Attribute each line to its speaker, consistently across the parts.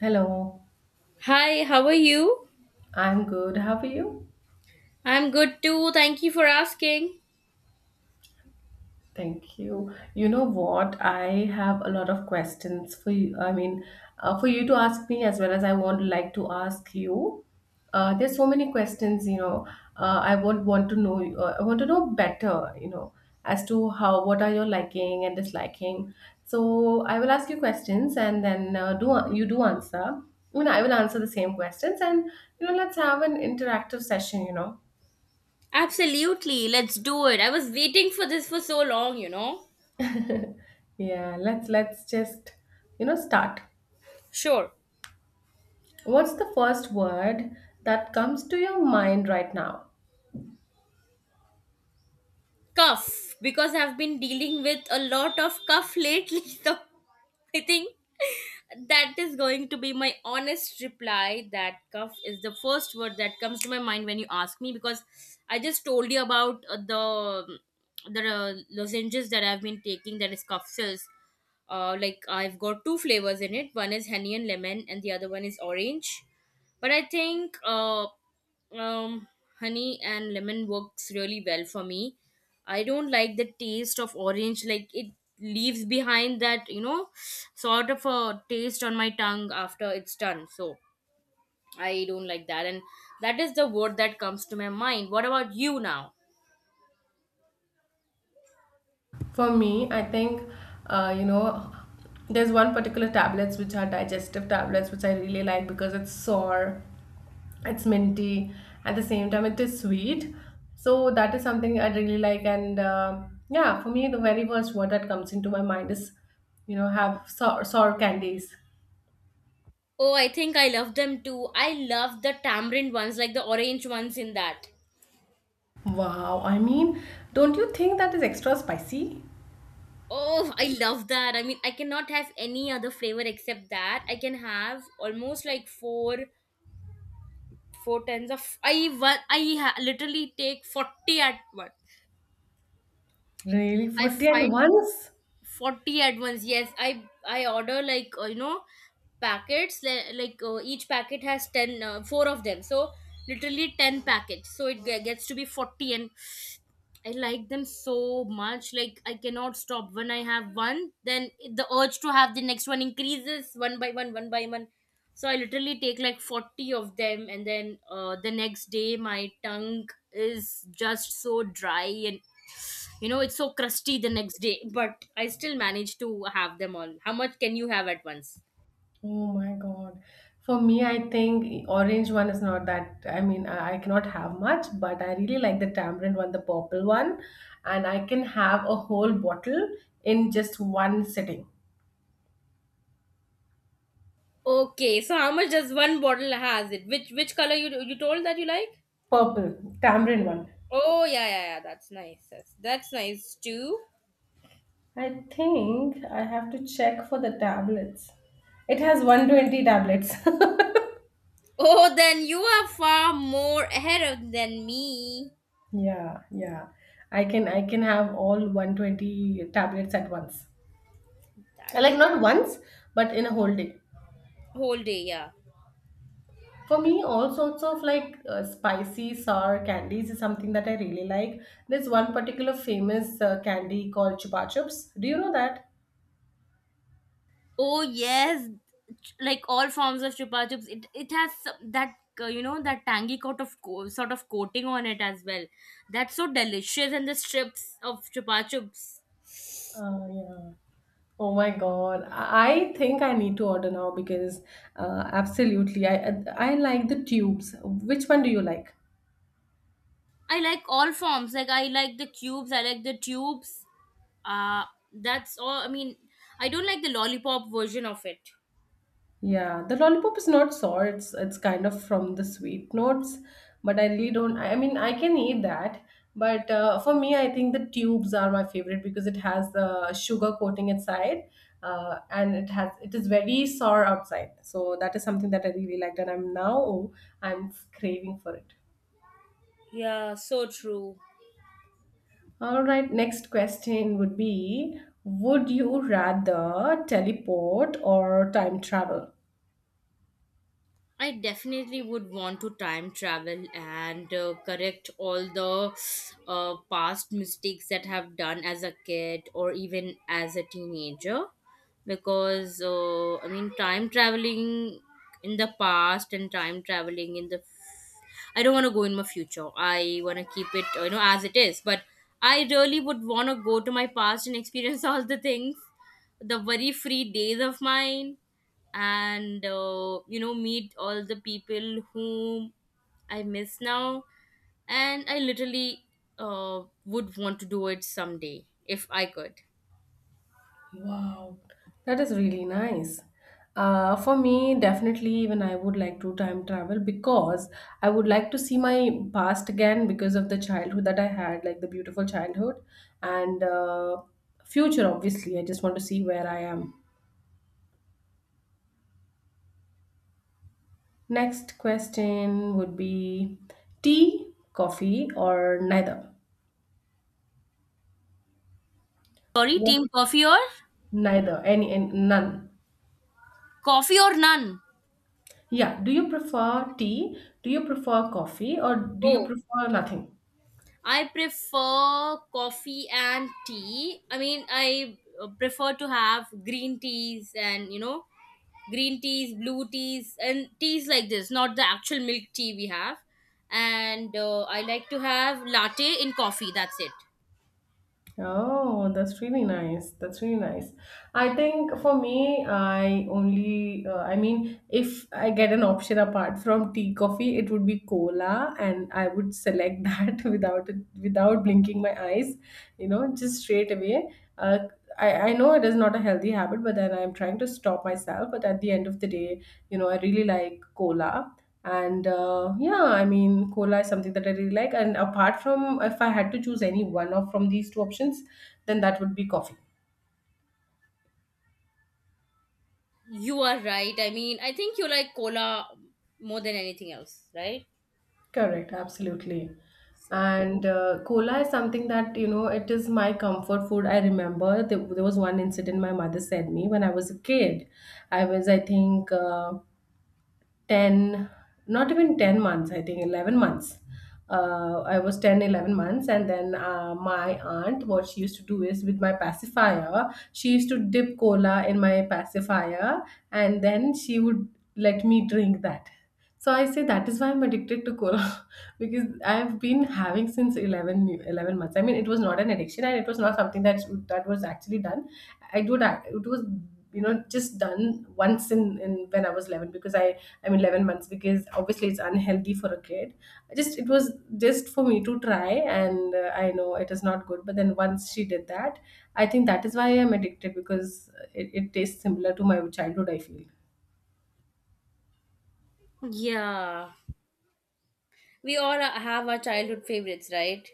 Speaker 1: Hello,
Speaker 2: Hi, how are you?
Speaker 1: I'm good. How are you?
Speaker 2: I'm good too. Thank you for asking.
Speaker 1: Thank you. You know what? I have a lot of questions for you. I mean, for you to ask me as well as I want. Like to ask you. There's so many questions, you know. I would want to know. I want to know better, you know, as to how what are your liking and disliking. So I will ask you questions, and then do you do answer? I mean, I will answer the same questions, and let's have an interactive session,
Speaker 2: Absolutely. Let's do it. I was waiting for this for so long.
Speaker 1: Yeah, let's just, start.
Speaker 2: Sure.
Speaker 1: What's the first word that comes to your mind right now?
Speaker 2: Cuff. Because I've been dealing with a lot of cuff lately, so I think that is going to be my honest reply that cuff is the first word that comes to my mind when you ask me because I just told you about the the lozenges that I've been taking that is cuff fills. Like I've got two flavors in it. One is honey and lemon, and the other one is orange. But I think um, honey and lemon works really well for me. I don't like the taste of orange, like it leaves behind that sort of a taste on my tongue after it's done. So I don't like that. And that is the word that comes to my mind. What about you now?
Speaker 1: For me, I think, uh, you know, there's one particular tablets which are digestive tablets which I really like because it's sour, it's minty, at the same time it is sweet. So that is something I really like, and yeah, for me the very first word that comes into my mind is, have sour, sour candies.
Speaker 2: Oh, I think I love them too. I love the tamarind ones, like the orange ones in that.
Speaker 1: Wow, I mean, don't you think that is extra spicy?
Speaker 2: Oh, I love that. I mean, I cannot have any other flavor except that. I can have almost like four tens of I literally take 40 at once.
Speaker 1: Really?
Speaker 2: I
Speaker 1: 40 at
Speaker 2: find
Speaker 1: once?
Speaker 2: 40 at once. Yes, I order like you know packets like each packet has 10 four of them so literally 10 packets so it gets to be 40. And I like them so much. Like I cannot stop. When I have one, then the urge to have the next one increases one by one, one by one. So I literally take like 40 of them, and then the next day my tongue is just so dry, and you know it's so crusty the next day. But I still manage to have them all. How much can you have at once?
Speaker 1: Oh my God. For me, I think orange one is not that, I mean, I cannot have much, but I really like the tamarind one, the purple one, and I can have a whole bottle in just one sitting.
Speaker 2: Okay, so how much does one bottle has it? Which color you told that you like?
Speaker 1: Purple, tamarind one.
Speaker 2: Oh, yeah, yeah, yeah. That's nice. That's nice too.
Speaker 1: I think I have to check for the tablets. It has 120 tablets.
Speaker 2: Oh, then you are far more ahead of than me.
Speaker 1: Yeah, yeah. I can have all 120 tablets at once.
Speaker 2: That
Speaker 1: Like
Speaker 2: is
Speaker 1: not once, but in a whole day.
Speaker 2: whole day, yeah.
Speaker 1: For me, all sorts of like spicy, sour candies is something that I really like. There's one particular famous candy called Chupa Chups. Do you know that?
Speaker 2: Oh, yes, like all forms of chupa chups, it has some- that you know that tangy coat of sort of coating on it as well. That's so delicious, and the strips of chupa chups.
Speaker 1: Yeah. Oh my God. I think I need to order now because absolutely. I like the tubes. Which one do you like?
Speaker 2: I like all forms. Like I like the cubes. I like the tubes. Uh that's all. I mean, I don't like the lollipop version of it.
Speaker 1: Yeah, the lollipop is not sour. It's kind of from the sweet notes, but I really don't. I mean, I can eat that, but for me, I think the tubes are my favorite because it has the sugar coating inside, and it has it is very sour outside. So that is something that I really liked, and I'm now I'm craving for it.
Speaker 2: Yeah, so true.
Speaker 1: All right, next question would be: Would you rather teleport or time travel?
Speaker 2: I definitely would want to time travel and correct all the past mistakes that have done as a kid or even as a teenager because I mean time traveling in the past and time traveling in the I don't want to go in my future. I want to keep it as it is. But I really would want to go to my past and experience all the things, the very free days of mine, and meet all the people whom I miss now. And I literally would want to do it someday if I could.
Speaker 1: Wow, that is really nice. For me, definitely, even I would like to time travel because I would like to see my past again because of the childhood that I had, like the beautiful childhood and future, obviously. I just want to see where I am. Next question would be tea, coffee, or neither?
Speaker 2: Sorry,
Speaker 1: What?
Speaker 2: team coffee or
Speaker 1: Neither, any, none.
Speaker 2: coffee or none.
Speaker 1: Yeah, do you prefer tea? Do you prefer coffee, or do you
Speaker 2: Oh,
Speaker 1: prefer nothing?
Speaker 2: I prefer coffee and tea. I mean, I prefer to have green teas and green teas, blue teas, and teas like this, not the actual milk tea we have. And I like to have latte in coffee. That's it.
Speaker 1: Oh, that's really nice. That's really nice. I think for me, I only, I mean, if I get an option apart from tea, coffee, it would be cola, and I would select that without it, without blinking my eyes, just straight away. Uh, I know it is not a healthy habit, but then I'm trying to stop myself. But at the end of the day, I really like cola. And yeah, I mean, cola is something that I really like. And apart from, if I had to choose any one of from these two options, then that would be coffee.
Speaker 2: You are right. I mean, I think you like cola more than anything else, right?
Speaker 1: Correct, absolutely.
Speaker 2: So
Speaker 1: And cola is something that, it is my comfort food. I remember there was one incident my mother said me when I was a kid. I was, I think, 10 not even 10 months, I think 11 months, I was 10, 11 months. And then my aunt what she used to do is with my pacifier she used to dip cola in my pacifier and then she would let me drink that. So I say that is why I'm addicted to cola because I've been having since 11 months. I mean, it was not an addiction and it was not something that that was actually done I do that. It was, just done once in when I was 11, because I mean, 11 months, because obviously it's unhealthy for a kid. I just it was just for me to try, and I know it is not good. But then once she did that, I think that is why I'm addicted because it tastes similar to my childhood. I feel.
Speaker 2: yeah, we all have our childhood favorites, right?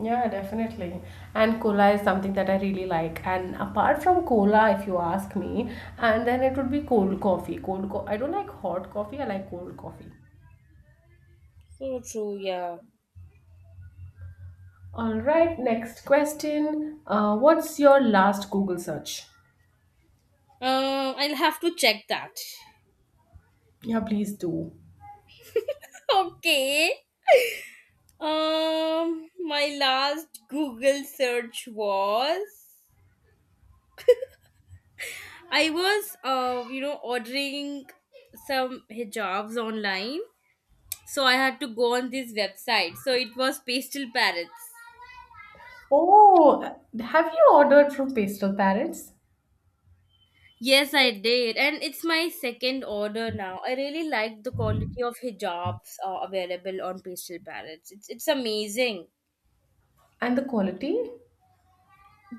Speaker 1: Yeah, definitely. And cola is something that I really like. And apart from cola, if you ask me, and then it would be cold coffee. I don't like hot coffee, I like cold coffee.
Speaker 2: So true. Yeah.
Speaker 1: All right, next question. What's your last Google search?
Speaker 2: I'll have to check that.
Speaker 1: Yeah, please do.
Speaker 2: Okay. My last Google search was I was, ordering some hijabs online, so I had to go on this website. So it was Pastel Parrots.
Speaker 1: Oh, have you ordered from Pastel Parrots?
Speaker 2: Yes, I did, and it's my second order now. I really like the quality of hijabs available on Pastel Parrots. It's amazing.
Speaker 1: And the quality?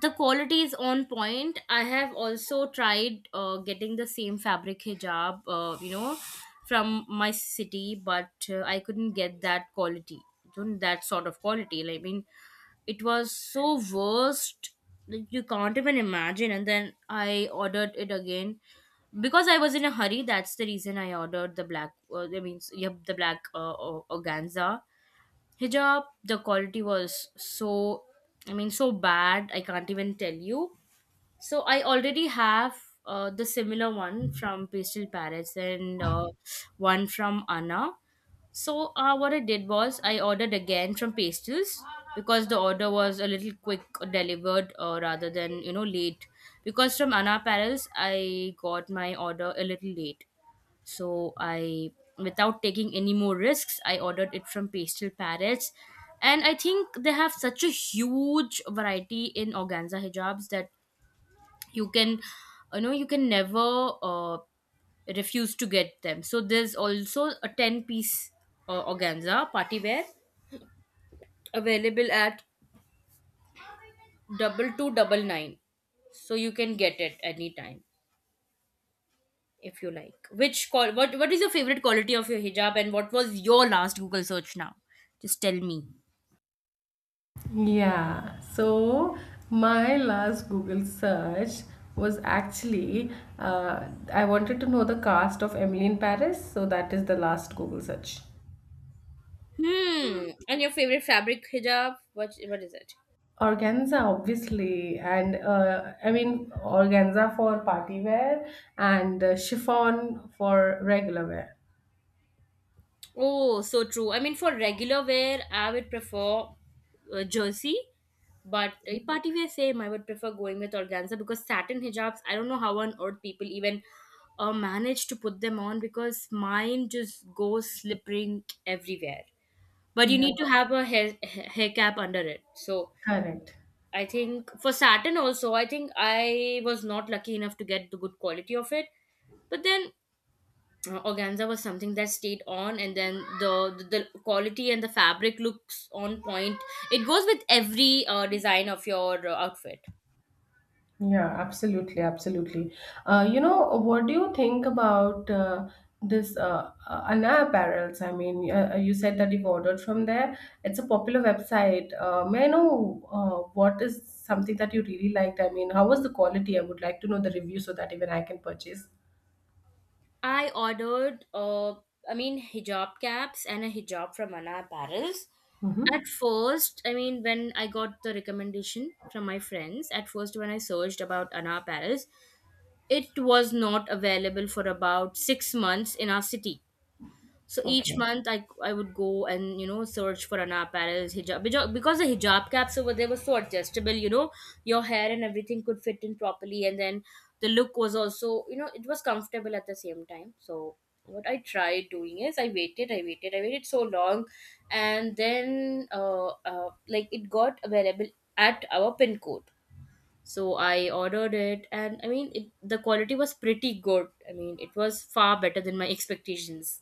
Speaker 2: The quality is on point. I have also tried getting the same fabric hijab from my city, but I couldn't get that quality, that sort of quality, like, I mean it was so worst, like, you can't even imagine. And then I ordered it again because I was in a hurry. That's the reason I ordered the black I mean yep, the black organza hijab. The quality was so, I mean so bad, I can't even tell you. So I already have the similar one from Pastel Paris, and one from Anna. So what I did was I ordered again from pastels because the order was a little quick delivered, rather than you know late, because from Anna Paris I got my order a little late. So I, without taking any more risks, I ordered it from Pastel Parrots. And I think they have such a huge variety in organza hijabs that you can, you can never refuse to get them. So there's also a 10 piece organza party wear available at 2299. So you can get it anytime if you like. Which call? What is your favorite quality of your hijab, and what was your last Google search? Now, just tell me.
Speaker 1: Yeah, so my last Google search was actually I wanted to know the cast of Emily in Paris, so that is the last Google search.
Speaker 2: Hmm. And your favorite fabric hijab? What is it?
Speaker 1: Organza, obviously, and I mean organza for party wear and chiffon for regular wear.
Speaker 2: Oh, so true. I mean, for regular wear, I would prefer jersey, but party wear, same. I would prefer going with organza because satin hijabs. I don't know how on earth people even manage to put them on because mine just goes slippering everywhere. But you
Speaker 1: Yeah.
Speaker 2: need to have a hair hair cap under it. So
Speaker 1: Correct.
Speaker 2: I think for satin also, I think I was not lucky enough to get the good quality of it. But then organza was something that stayed on, and then the quality and the fabric looks on point. It goes with every design of your outfit.
Speaker 1: Yeah, absolutely, absolutely. You know, what do you think about this Anna Apparels? I mean, you said that you've ordered from there. It's a popular website. May I know what is something that you really liked? I mean, how was the quality? I would like to know the review so that even I can purchase.
Speaker 2: I ordered I mean hijab caps and a hijab from Anna Apparels
Speaker 1: Mm-hmm.
Speaker 2: at first. I mean when I got the recommendation from my friends at first, when I searched about Anna Apparels, it was not available for about 6 months in our city. So each
Speaker 1: Okay.
Speaker 2: month I would go and you know search for Anaparel's hijab because the hijab caps over there were so adjustable, your hair and everything could fit in properly, and then the look was also, you know, it was comfortable at the same time. So what I tried doing is I waited so long, and then like it got available at our pin code. So I ordered it, and I mean it the quality was pretty good. I mean it was far better than my expectations.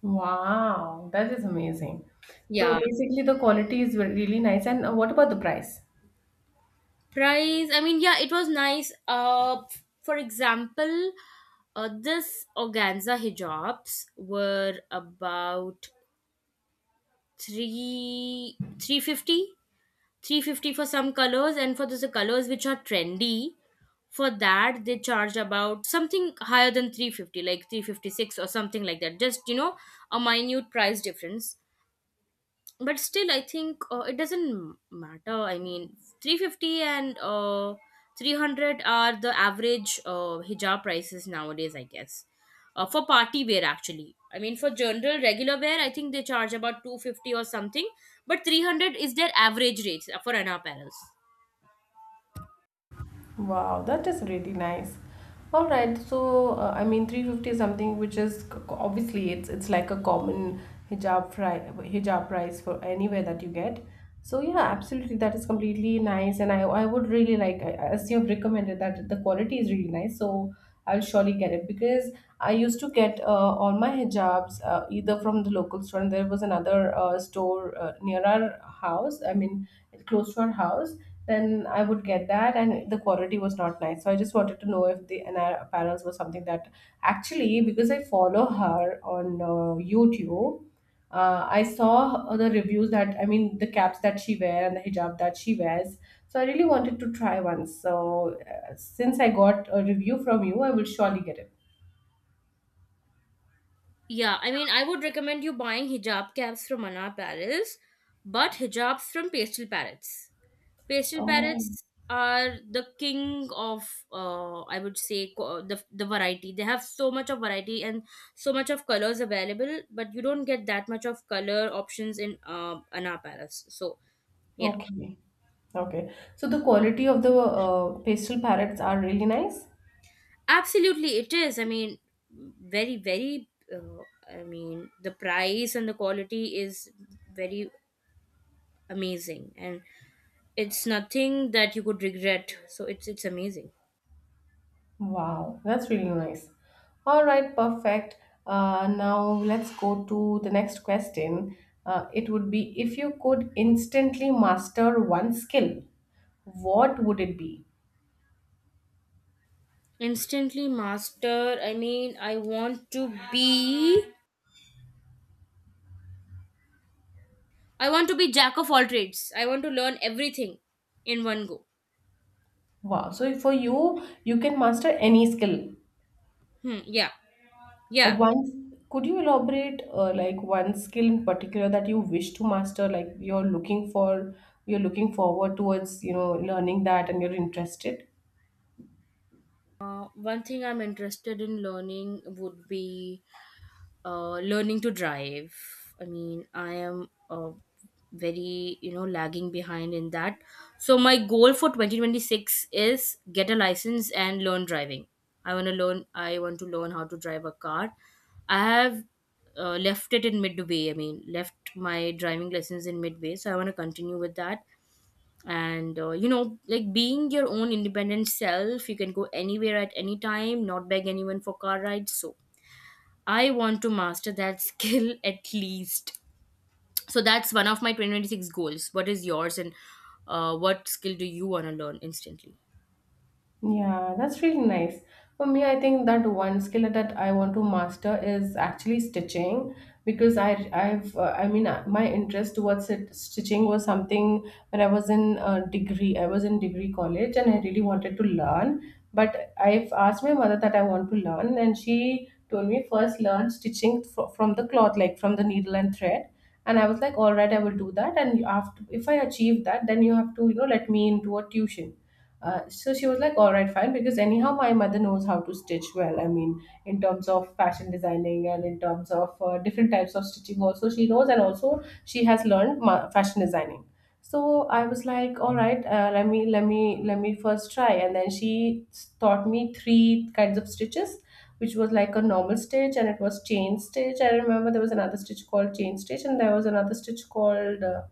Speaker 1: Wow, that is amazing.
Speaker 2: Yeah,
Speaker 1: So basically, the quality is really nice. And what about the price?
Speaker 2: price, I mean yeah it was nice. For example, this organza hijabs were about 3 350, 350 for some colors, and for those colors which are trendy, for that they charge about something higher than 350 like 356 or something like that, just you know, a minute price difference. But still I think it doesn't matter. I mean 350 and 300 are the average hijab prices nowadays, I guess. For party wear, actually, I mean for general regular wear I think they charge about 250 or something. But 300 is their average rates for Anna Apparels.
Speaker 1: Wow, that is really nice. All right, so I mean, 350 is something which is obviously it's like a common hijab price for anywhere that you get. So yeah, absolutely, that is completely nice, and I would really like as you've recommended that the quality is really nice, so I'll surely get it because I used to get all my hijabs either from the local store, and there was another store near our house. I mean, close to our house then I would get that, and the quality was not nice. So I just wanted to know if the and our apparels was something that actually because I follow her on YouTube, I saw the reviews that I mean the caps that she wear and the hijab that she wears. So I really wanted to try one. So since I got a review from you, I will surely get it.
Speaker 2: Yeah, I mean I would recommend you buying hijab caps from Anna Apparels, but hijabs from Pastel Parrots. Pastel
Speaker 1: Oh,
Speaker 2: parrots are the king of, I would say, the variety. They have so much of variety and so much of colors available, but you don't get that much of color options in Anar Parrots. So yeah,
Speaker 1: okay, okay. So the quality of the pastel parrots are really nice.
Speaker 2: absolutely, it is. I mean, very very. I mean, the price and the quality is very amazing, and it's nothing that you could regret. So it's amazing.
Speaker 1: Wow, that's really nice. All right, perfect. Now let's go to the next question. It would be if you could instantly master one skill, what would it be?
Speaker 2: Instantly master. I mean, I want to be. I want to be jack of all trades. I want to learn everything in one go.
Speaker 1: Wow. So for you, you can master any skill.
Speaker 2: Hmm. Yeah. Yeah.
Speaker 1: One. Could you elaborate like one skill in particular that you wish to master, like you're looking for, you're looking forward towards, learning that and you're interested?
Speaker 2: One thing I'm interested in learning would be learning to drive. I mean, I am very lagging behind in that. So my goal for 2026 is get a license and learn driving. I want to learn. I want to learn how to drive a car. I have left it in midway. I mean, left my driving lessons in midway. So I want to continue with that. And like being your own independent self, you can go anywhere at any time, not beg anyone for car rides. So I want to master that skill at least. So that's one of my 2026 goals. What is yours, and what skill do you want to learn instantly?
Speaker 1: Yeah, that's really nice. For me, I think that one skill that I want to master is actually stitching because I've I mean my interest towards it, stitching was something when I was in degree, I was in degree college and I really wanted to learn, but I've asked my mother that I want to learn and she told me first learn stitching from the cloth, like from the needle and thread. And I was like, all right, I will do that, and after if I achieve that then you have to, let me into a tuition. So she was like, all right, fine, because anyhow, my mother knows how to stitch well. I mean, in terms of fashion designing and in terms of different types of stitching, also she knows, and also she has learned fashion designing. So I was like, all right, let me first try, and then taught me three kinds of stitches, which was like a normal stitch, and it was chain stitch. I remember there was another stitch called chain stitch, and there was another stitch called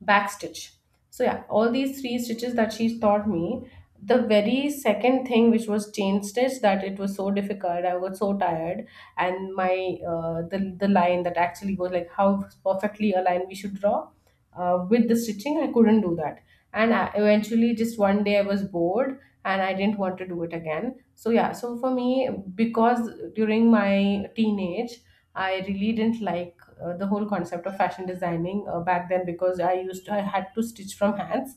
Speaker 1: back stitch. So yeah, all these three stitches that she taught me, the very second thing which was changed is that it was so difficult, I was so tired, and my the line that actually was like how perfectly a line we should draw with the stitching, I couldn't do that. And eventually, just one day I was bored and I didn't want to do it again. So yeah, so for me, because during my teenage, I really didn't like the whole concept of fashion designing back then because I used to, I had to stitch from hands,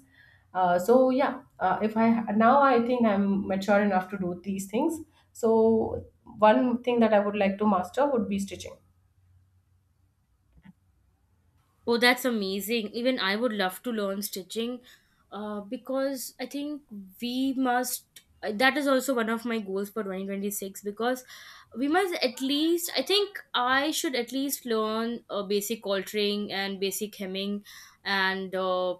Speaker 1: so yeah if I now I think I'm mature enough to do these things. So one thing that I would like to master would be stitching.
Speaker 2: Oh, that's amazing. Even I would love to learn stitching because I think we must. That is also one of my goals for 2026, because we must at least. I think I should at least learn basic altering and basic hemming and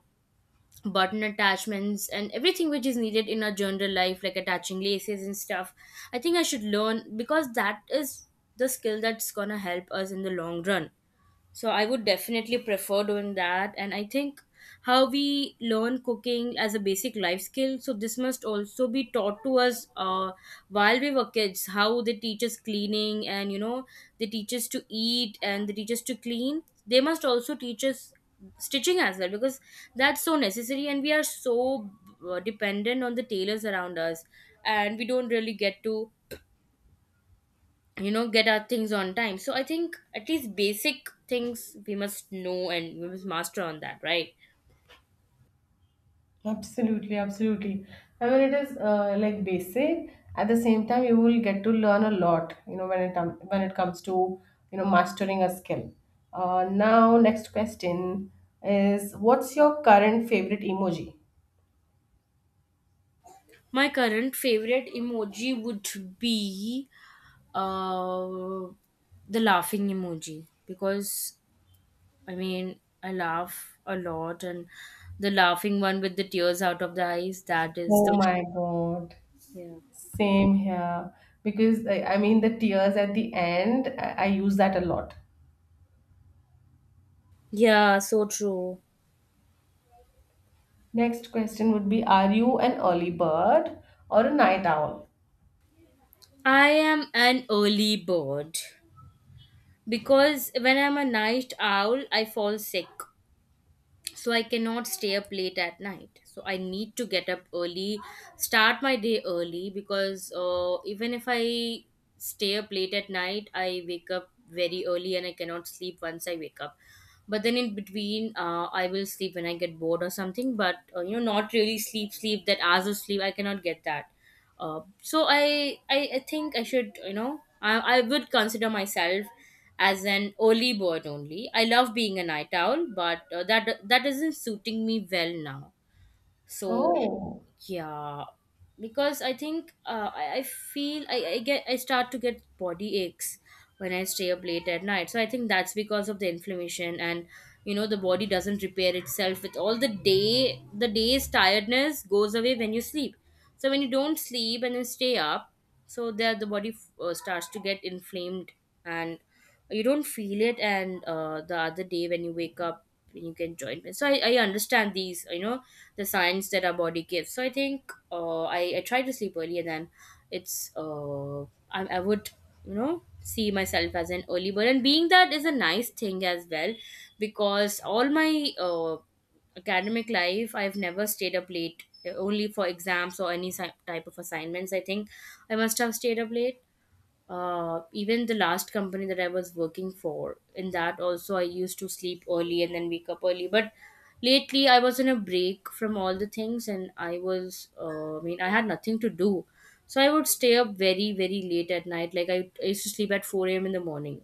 Speaker 2: button attachments and everything which is needed in our general life, like attaching laces and stuff. I think I should learn, because that is the skill that's gonna help us in the long run. So I would definitely prefer doing that. And I think, how we learn cooking as a basic life skill, so this must also be taught to us while we were kids. How they teach us cleaning, and you know, they teach us to eat and they teach us to clean. They must also teach us stitching as well, because that's so necessary, and we are so dependent on the tailors around us, and we don't really get to, you know, get our things on time. So I think at least basic things we must know and we must master on that, right?
Speaker 1: Absolutely, absolutely. I mean, it is like basic. At the same time, you will get to learn a lot, you know, when when it comes to, you know, mastering a skill. Now, next question is: what's your current favorite emoji?
Speaker 2: My current favorite emoji would be uh the laughing emoji, because I mean I laugh a lot, and the laughing one with the tears out of the eyes, that is the
Speaker 1: Oh my God,
Speaker 2: yeah.
Speaker 1: same here. Because I mean, the tears at the end, I use that a lot.
Speaker 2: Yeah, so true.
Speaker 1: Next question would be: are you an early bird or a night owl?
Speaker 2: I am an early bird, because when I'm a night owl, I fall sick. So I cannot stay up late at night, so I need to get up early, start my day early, because even if I stay up late at night I wake up very early, and I cannot sleep once I wake up. But then in between, I will sleep when I get bored or something, but you know, not really sleep sleep, that hours of sleep I cannot get that. So I, I think I should, you know, I would consider myself as an early bird only. I love being a night owl, but that that isn't suiting me well now. So
Speaker 1: Oh.
Speaker 2: yeah, because I think, I feel I get, I start to get body aches when I stay up late at night, so I think that's because of the inflammation and, you know, the body doesn't repair itself, with all the day, the day's tiredness goes away when you sleep. So when you don't sleep and then stay up, so there the body starts to get inflamed, and you don't feel it. And the other day when you wake up you can join me. So I understand these, you know, the signs that our body gives. So I think, I try to sleep early, and then it's I would, you know, see myself as an early bird, and being that is a nice thing as well, because all my academic life I've never stayed up late, only for exams or any si- type of assignments. I think I must have stayed up late, even the last company that I was working for, in that also I used to sleep early and then wake up early. But lately I was on a break from all the things, and I was I mean, I had nothing to do. So I would stay up very, very late at night. Like I used to sleep at 4 a.m. in the morning.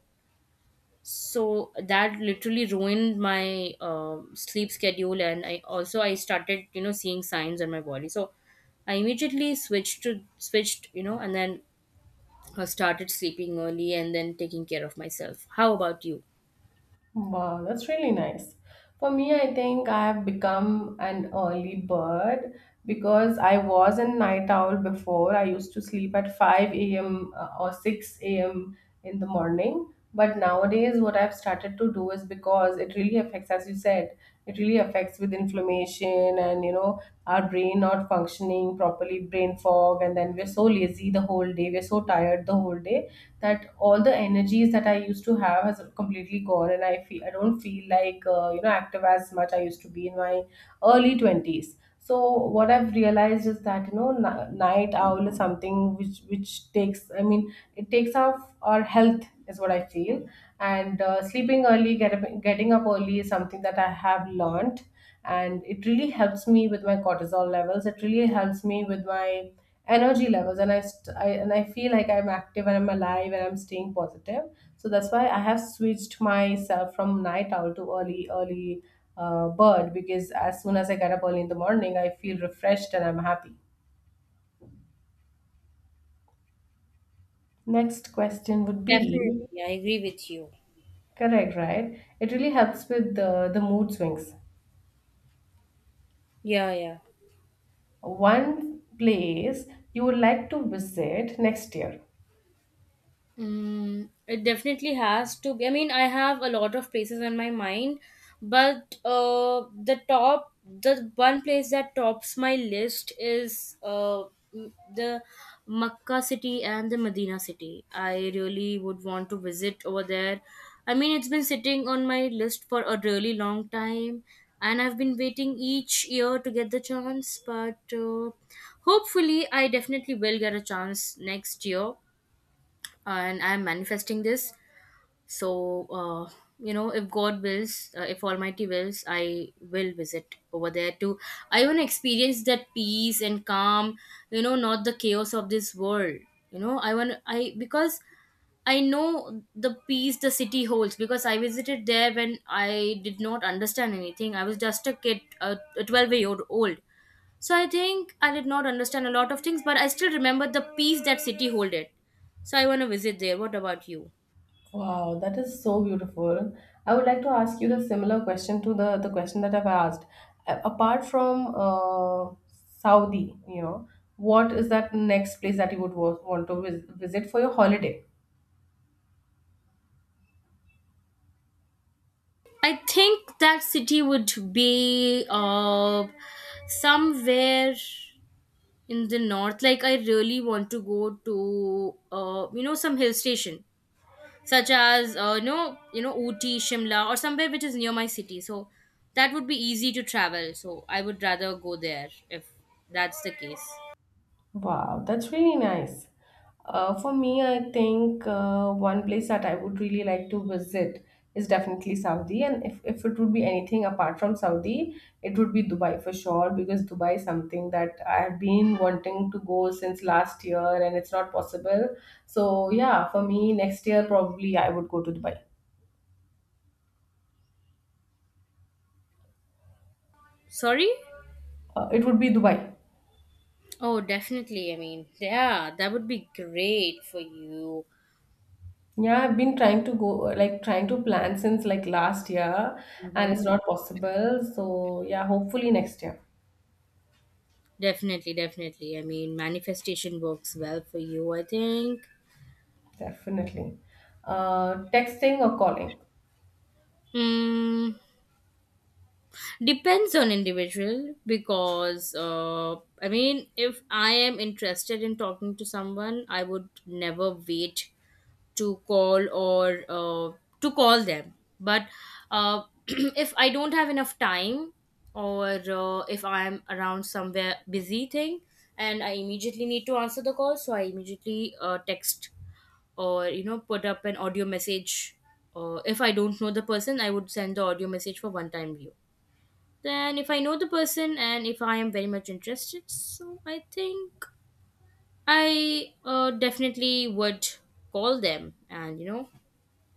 Speaker 2: So that literally ruined my sleep schedule. And I also, I started, you know, seeing signs on my body. So I immediately switched to switched, you know, and then I started sleeping early and then taking care of myself. How about you?
Speaker 1: Wow, that's really nice. For me, I think I've become an early bird because I was a night owl before. I used to sleep at 5 a.m. Or 6 a.m. in the morning. But nowadays, what I've started to do is, because it really affects, as you said, it really affects with inflammation and, you know, our brain not functioning properly, brain fog, and then we're so lazy the whole day, we're so tired the whole day, that all the energies that I used to have has completely gone, and I don't feel like, you know, active as much I used to be in my early twenties. So what I've realized is that, you know, night owl is something which takes, I mean, it takes off our health, is what I feel, and sleeping early, getting up early is something that I have learned, and it really helps me with my cortisol levels, it really helps me with my energy levels, and I feel like I'm active and I'm alive and I'm staying positive. So that's why I have switched myself from night owl to early bird, because as soon as I get up early in the morning, I feel refreshed and I'm happy. Next question would be
Speaker 2: Definitely, I agree with you.
Speaker 1: correct, right? It really helps with the mood swings.
Speaker 2: Yeah, yeah.
Speaker 1: One place you would like to visit next year.
Speaker 2: Mm, it definitely has to be. I mean, I have a lot of places on my mind, but the top, the one place that tops my list is the Makkah city and the Medina city. I really would want to visit over there. I mean, it's been sitting on my list for a really long time, and I've been waiting each year to get the chance, but hopefully, I definitely will get a chance next year, and I'm manifesting this. So you know, if God wills, if almighty wills, I will visit over there too. I want to experience that peace and calm, you know, not the chaos of this world. You know, I because I know the peace the city holds, because I visited there when I did not understand anything. I was just a kid, a 12-year old. So I think I did not understand a lot of things, but I still remember the peace that city holded. So I want to visit there. What about you?
Speaker 1: Wow, that is so beautiful. I would like to ask you the similar question to the question that I've asked. Apart from Saudi, you know, what is that next place that you would want to visit for your holiday?
Speaker 2: I think that city would be somewhere in the north. Like I really want to go to, you know, some hill station, such as you know, you know, Ooty, Shimla, or somewhere which is near my city. So that would be easy to travel. So I would rather go there if that's the case.
Speaker 1: Wow, that's really nice. For me, I think one place that I would really like to visit is definitely Saudi. And if it would be anything apart from Saudi, it would be Dubai for sure, because Dubai is something that I have been wanting to go since last year and it's not possible. So yeah, for me, next year probably I would go to Dubai.
Speaker 2: Sorry.
Speaker 1: It would be Dubai.
Speaker 2: Oh, definitely. I mean, yeah, that would be great for you.
Speaker 1: Yeah, I've been trying to go, like trying to plan since like last year, and it's
Speaker 2: Mhm.
Speaker 1: not possible. So yeah, hopefully next year.
Speaker 2: Definitely, definitely. I mean, manifestation works well for you, I think.
Speaker 1: Definitely. Texting or calling?
Speaker 2: Mm, depends on individual, because I mean, if I am interested in talking to someone, I would never wait to call, or to call them, but uh, if I don't have enough time, or if I'm around somewhere busy thing and I immediately need to answer the call, so I immediately text or, you know, put up an audio message. If I don't know the person, I would send the audio message for one time view. Then if I know the person and if I am very much interested, so I think I definitely would call them, and you know,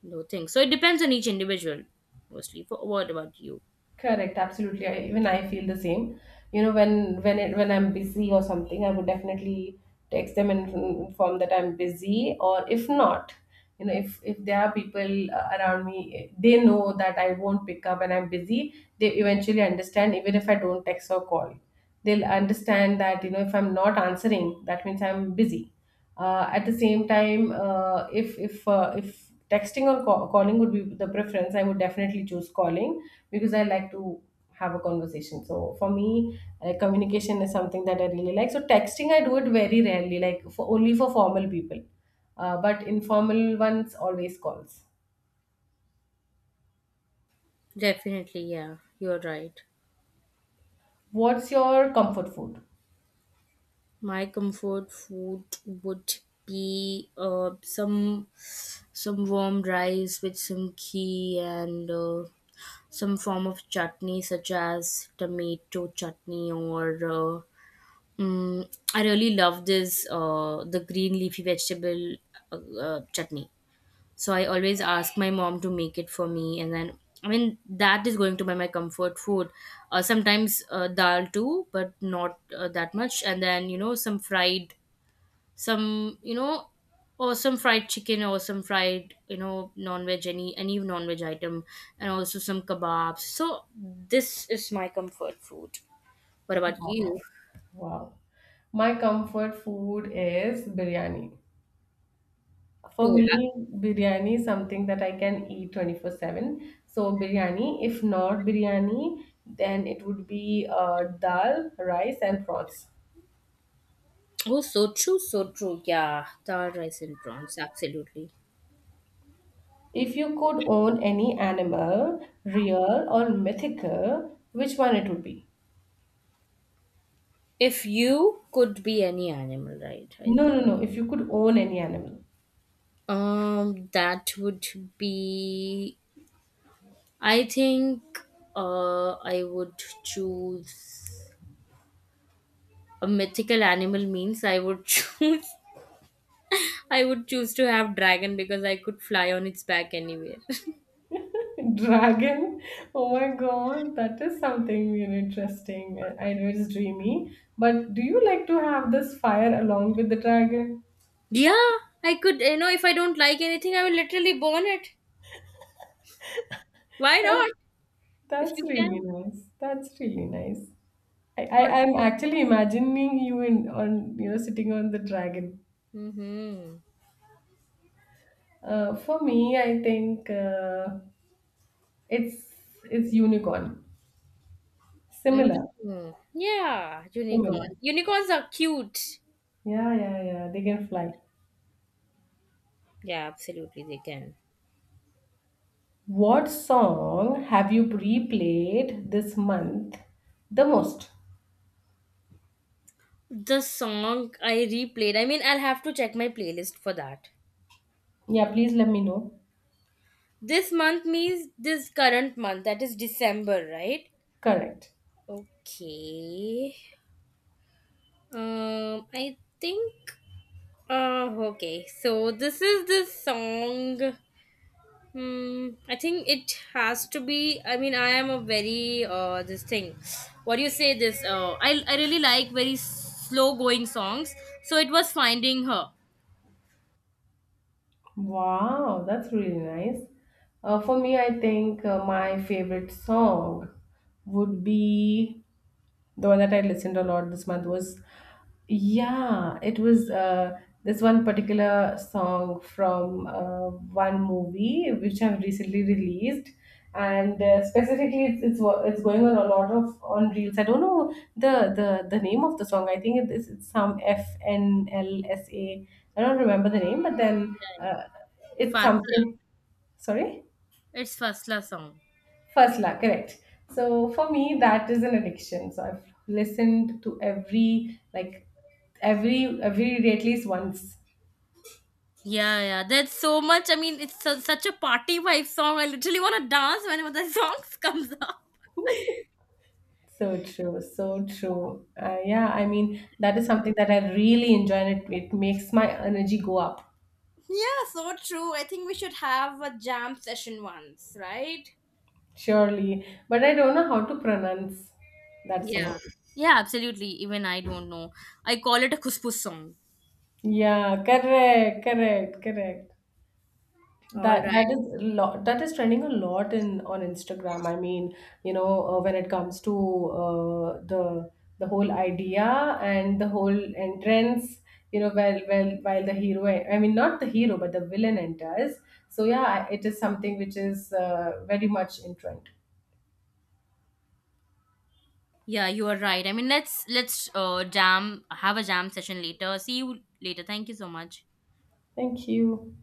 Speaker 2: no things. So it depends on each individual, mostly. But what about you?
Speaker 1: Correct, absolutely. Even I feel the same. You know, when when I'm busy or something, I would definitely text them and inform that I'm busy. Or if not, you know, if there are people around me, they know that I won't pick up and I'm busy. They eventually understand, even if I don't text or call. They'll understand that, you know, if I'm not answering, that means I'm busy. At the same time, if texting or calling would be the preference, I would definitely choose calling, because I like to have a conversation. So for me, communication is something that I really like. So texting, I do it very rarely, like for only for formal people, but informal ones always calls.
Speaker 2: Definitely, yeah, you're right.
Speaker 1: What's your comfort food?
Speaker 2: My comfort food would be some warm rice with some ghee, and some form of chutney, such as tomato chutney or. I really love this the green leafy vegetable chutney. So I always ask my mom to make it for me, and then I mean that is going to be my comfort food. Sometimes dal too, but not that much, and then, you know, some fried, some, you know, or some fried chicken or some fried, you know, non-veg, any non-veg item, and also some kebabs. So this is my comfort food. What about you?
Speaker 1: Wow. Wow. My comfort food is biryani. For
Speaker 2: Oh,
Speaker 1: me, biryani is something that I can eat 24/7. So biryani, if not biryani, then it would be dal, rice, and prawns.
Speaker 2: oh so true, so true. Yeah, dal, rice and prawns, absolutely.
Speaker 1: If you could own any animal, real or mythical, which one it would be?
Speaker 2: If you could be any animal, right? I think,
Speaker 1: No, no, no. If you could own any animal.
Speaker 2: that would be. I think I would choose a mythical animal. Means I would choose. I would choose to have dragon, because I could fly on its back anywhere.
Speaker 1: Dragon. Oh my god, that is something really interesting. I know it's dreamy, but do you like to have this fire along with the dragon?
Speaker 2: Yeah, I could. You know, if I don't like anything, I will literally burn it. Why not? If
Speaker 1: That's
Speaker 2: you
Speaker 1: really
Speaker 2: can.
Speaker 1: nice. That's really nice.
Speaker 2: But,
Speaker 1: I'm actually imagining you in, on, you know, sitting on the dragon.
Speaker 2: mm-hmm.
Speaker 1: For me, I think it's it's unicorn. Similar,
Speaker 2: Hmm. Yeah, unicorn.
Speaker 1: similar.
Speaker 2: Unicorns are cute.
Speaker 1: Yeah, yeah, yeah. They can fly.
Speaker 2: Yeah, absolutely, they can.
Speaker 1: What song have you replayed this month the most?
Speaker 2: The song I replayed, I mean, I'll have to check my playlist for that.
Speaker 1: Yeah, please let me know.
Speaker 2: This month means this current month, that is December, right?
Speaker 1: Correct.
Speaker 2: Okay. I think. Okay, so this is the song. Hmm. I think it has to be. I mean, I am a very this thing. What do you say? This I really like very slow going songs. So it was finding her.
Speaker 1: Wow, that's really nice. For me, I think my favorite song would be the one that I listened a lot this month was, yeah, it was this one particular song from one movie which I've recently released, and specifically it's it's going on a lot of on reels. I don't know the name of the song. I think it is it's some FNLSA. I don't remember the name, but then
Speaker 2: Yeah.
Speaker 1: it's
Speaker 2: Fasla.
Speaker 1: something. Sorry.
Speaker 2: It's Fasla song.
Speaker 1: First love, correct. So for me, that is an addiction. So I've listened to every like every day at least once.
Speaker 2: Yeah, yeah. That's so much. I mean, it's su- such a party vibe song. I literally want to dance whenever the song comes up.
Speaker 1: So true, so true. Yeah, I mean that is something that I really enjoy, and it makes my energy go up
Speaker 2: Yeah, so true. I think we should have a jam session once, right?
Speaker 1: surely. But I don't know how to pronounce that song.
Speaker 2: Yeah. Yeah, absolutely. Even I don't know. I call it a kuspus song.
Speaker 1: Yeah, correct, correct, correct.
Speaker 2: All
Speaker 1: That
Speaker 2: right.
Speaker 1: that is a lot that is trending a lot in on Instagram. I mean, you know, when it comes to the whole idea and the whole entrance, you know, while the hero, I mean, not the hero, but the villain enters. So yeah, it is something which is very much in trend.
Speaker 2: Yeah, you are right. I mean, let's jam, have a jam session later. See you later. Thank you so much.
Speaker 1: Thank you.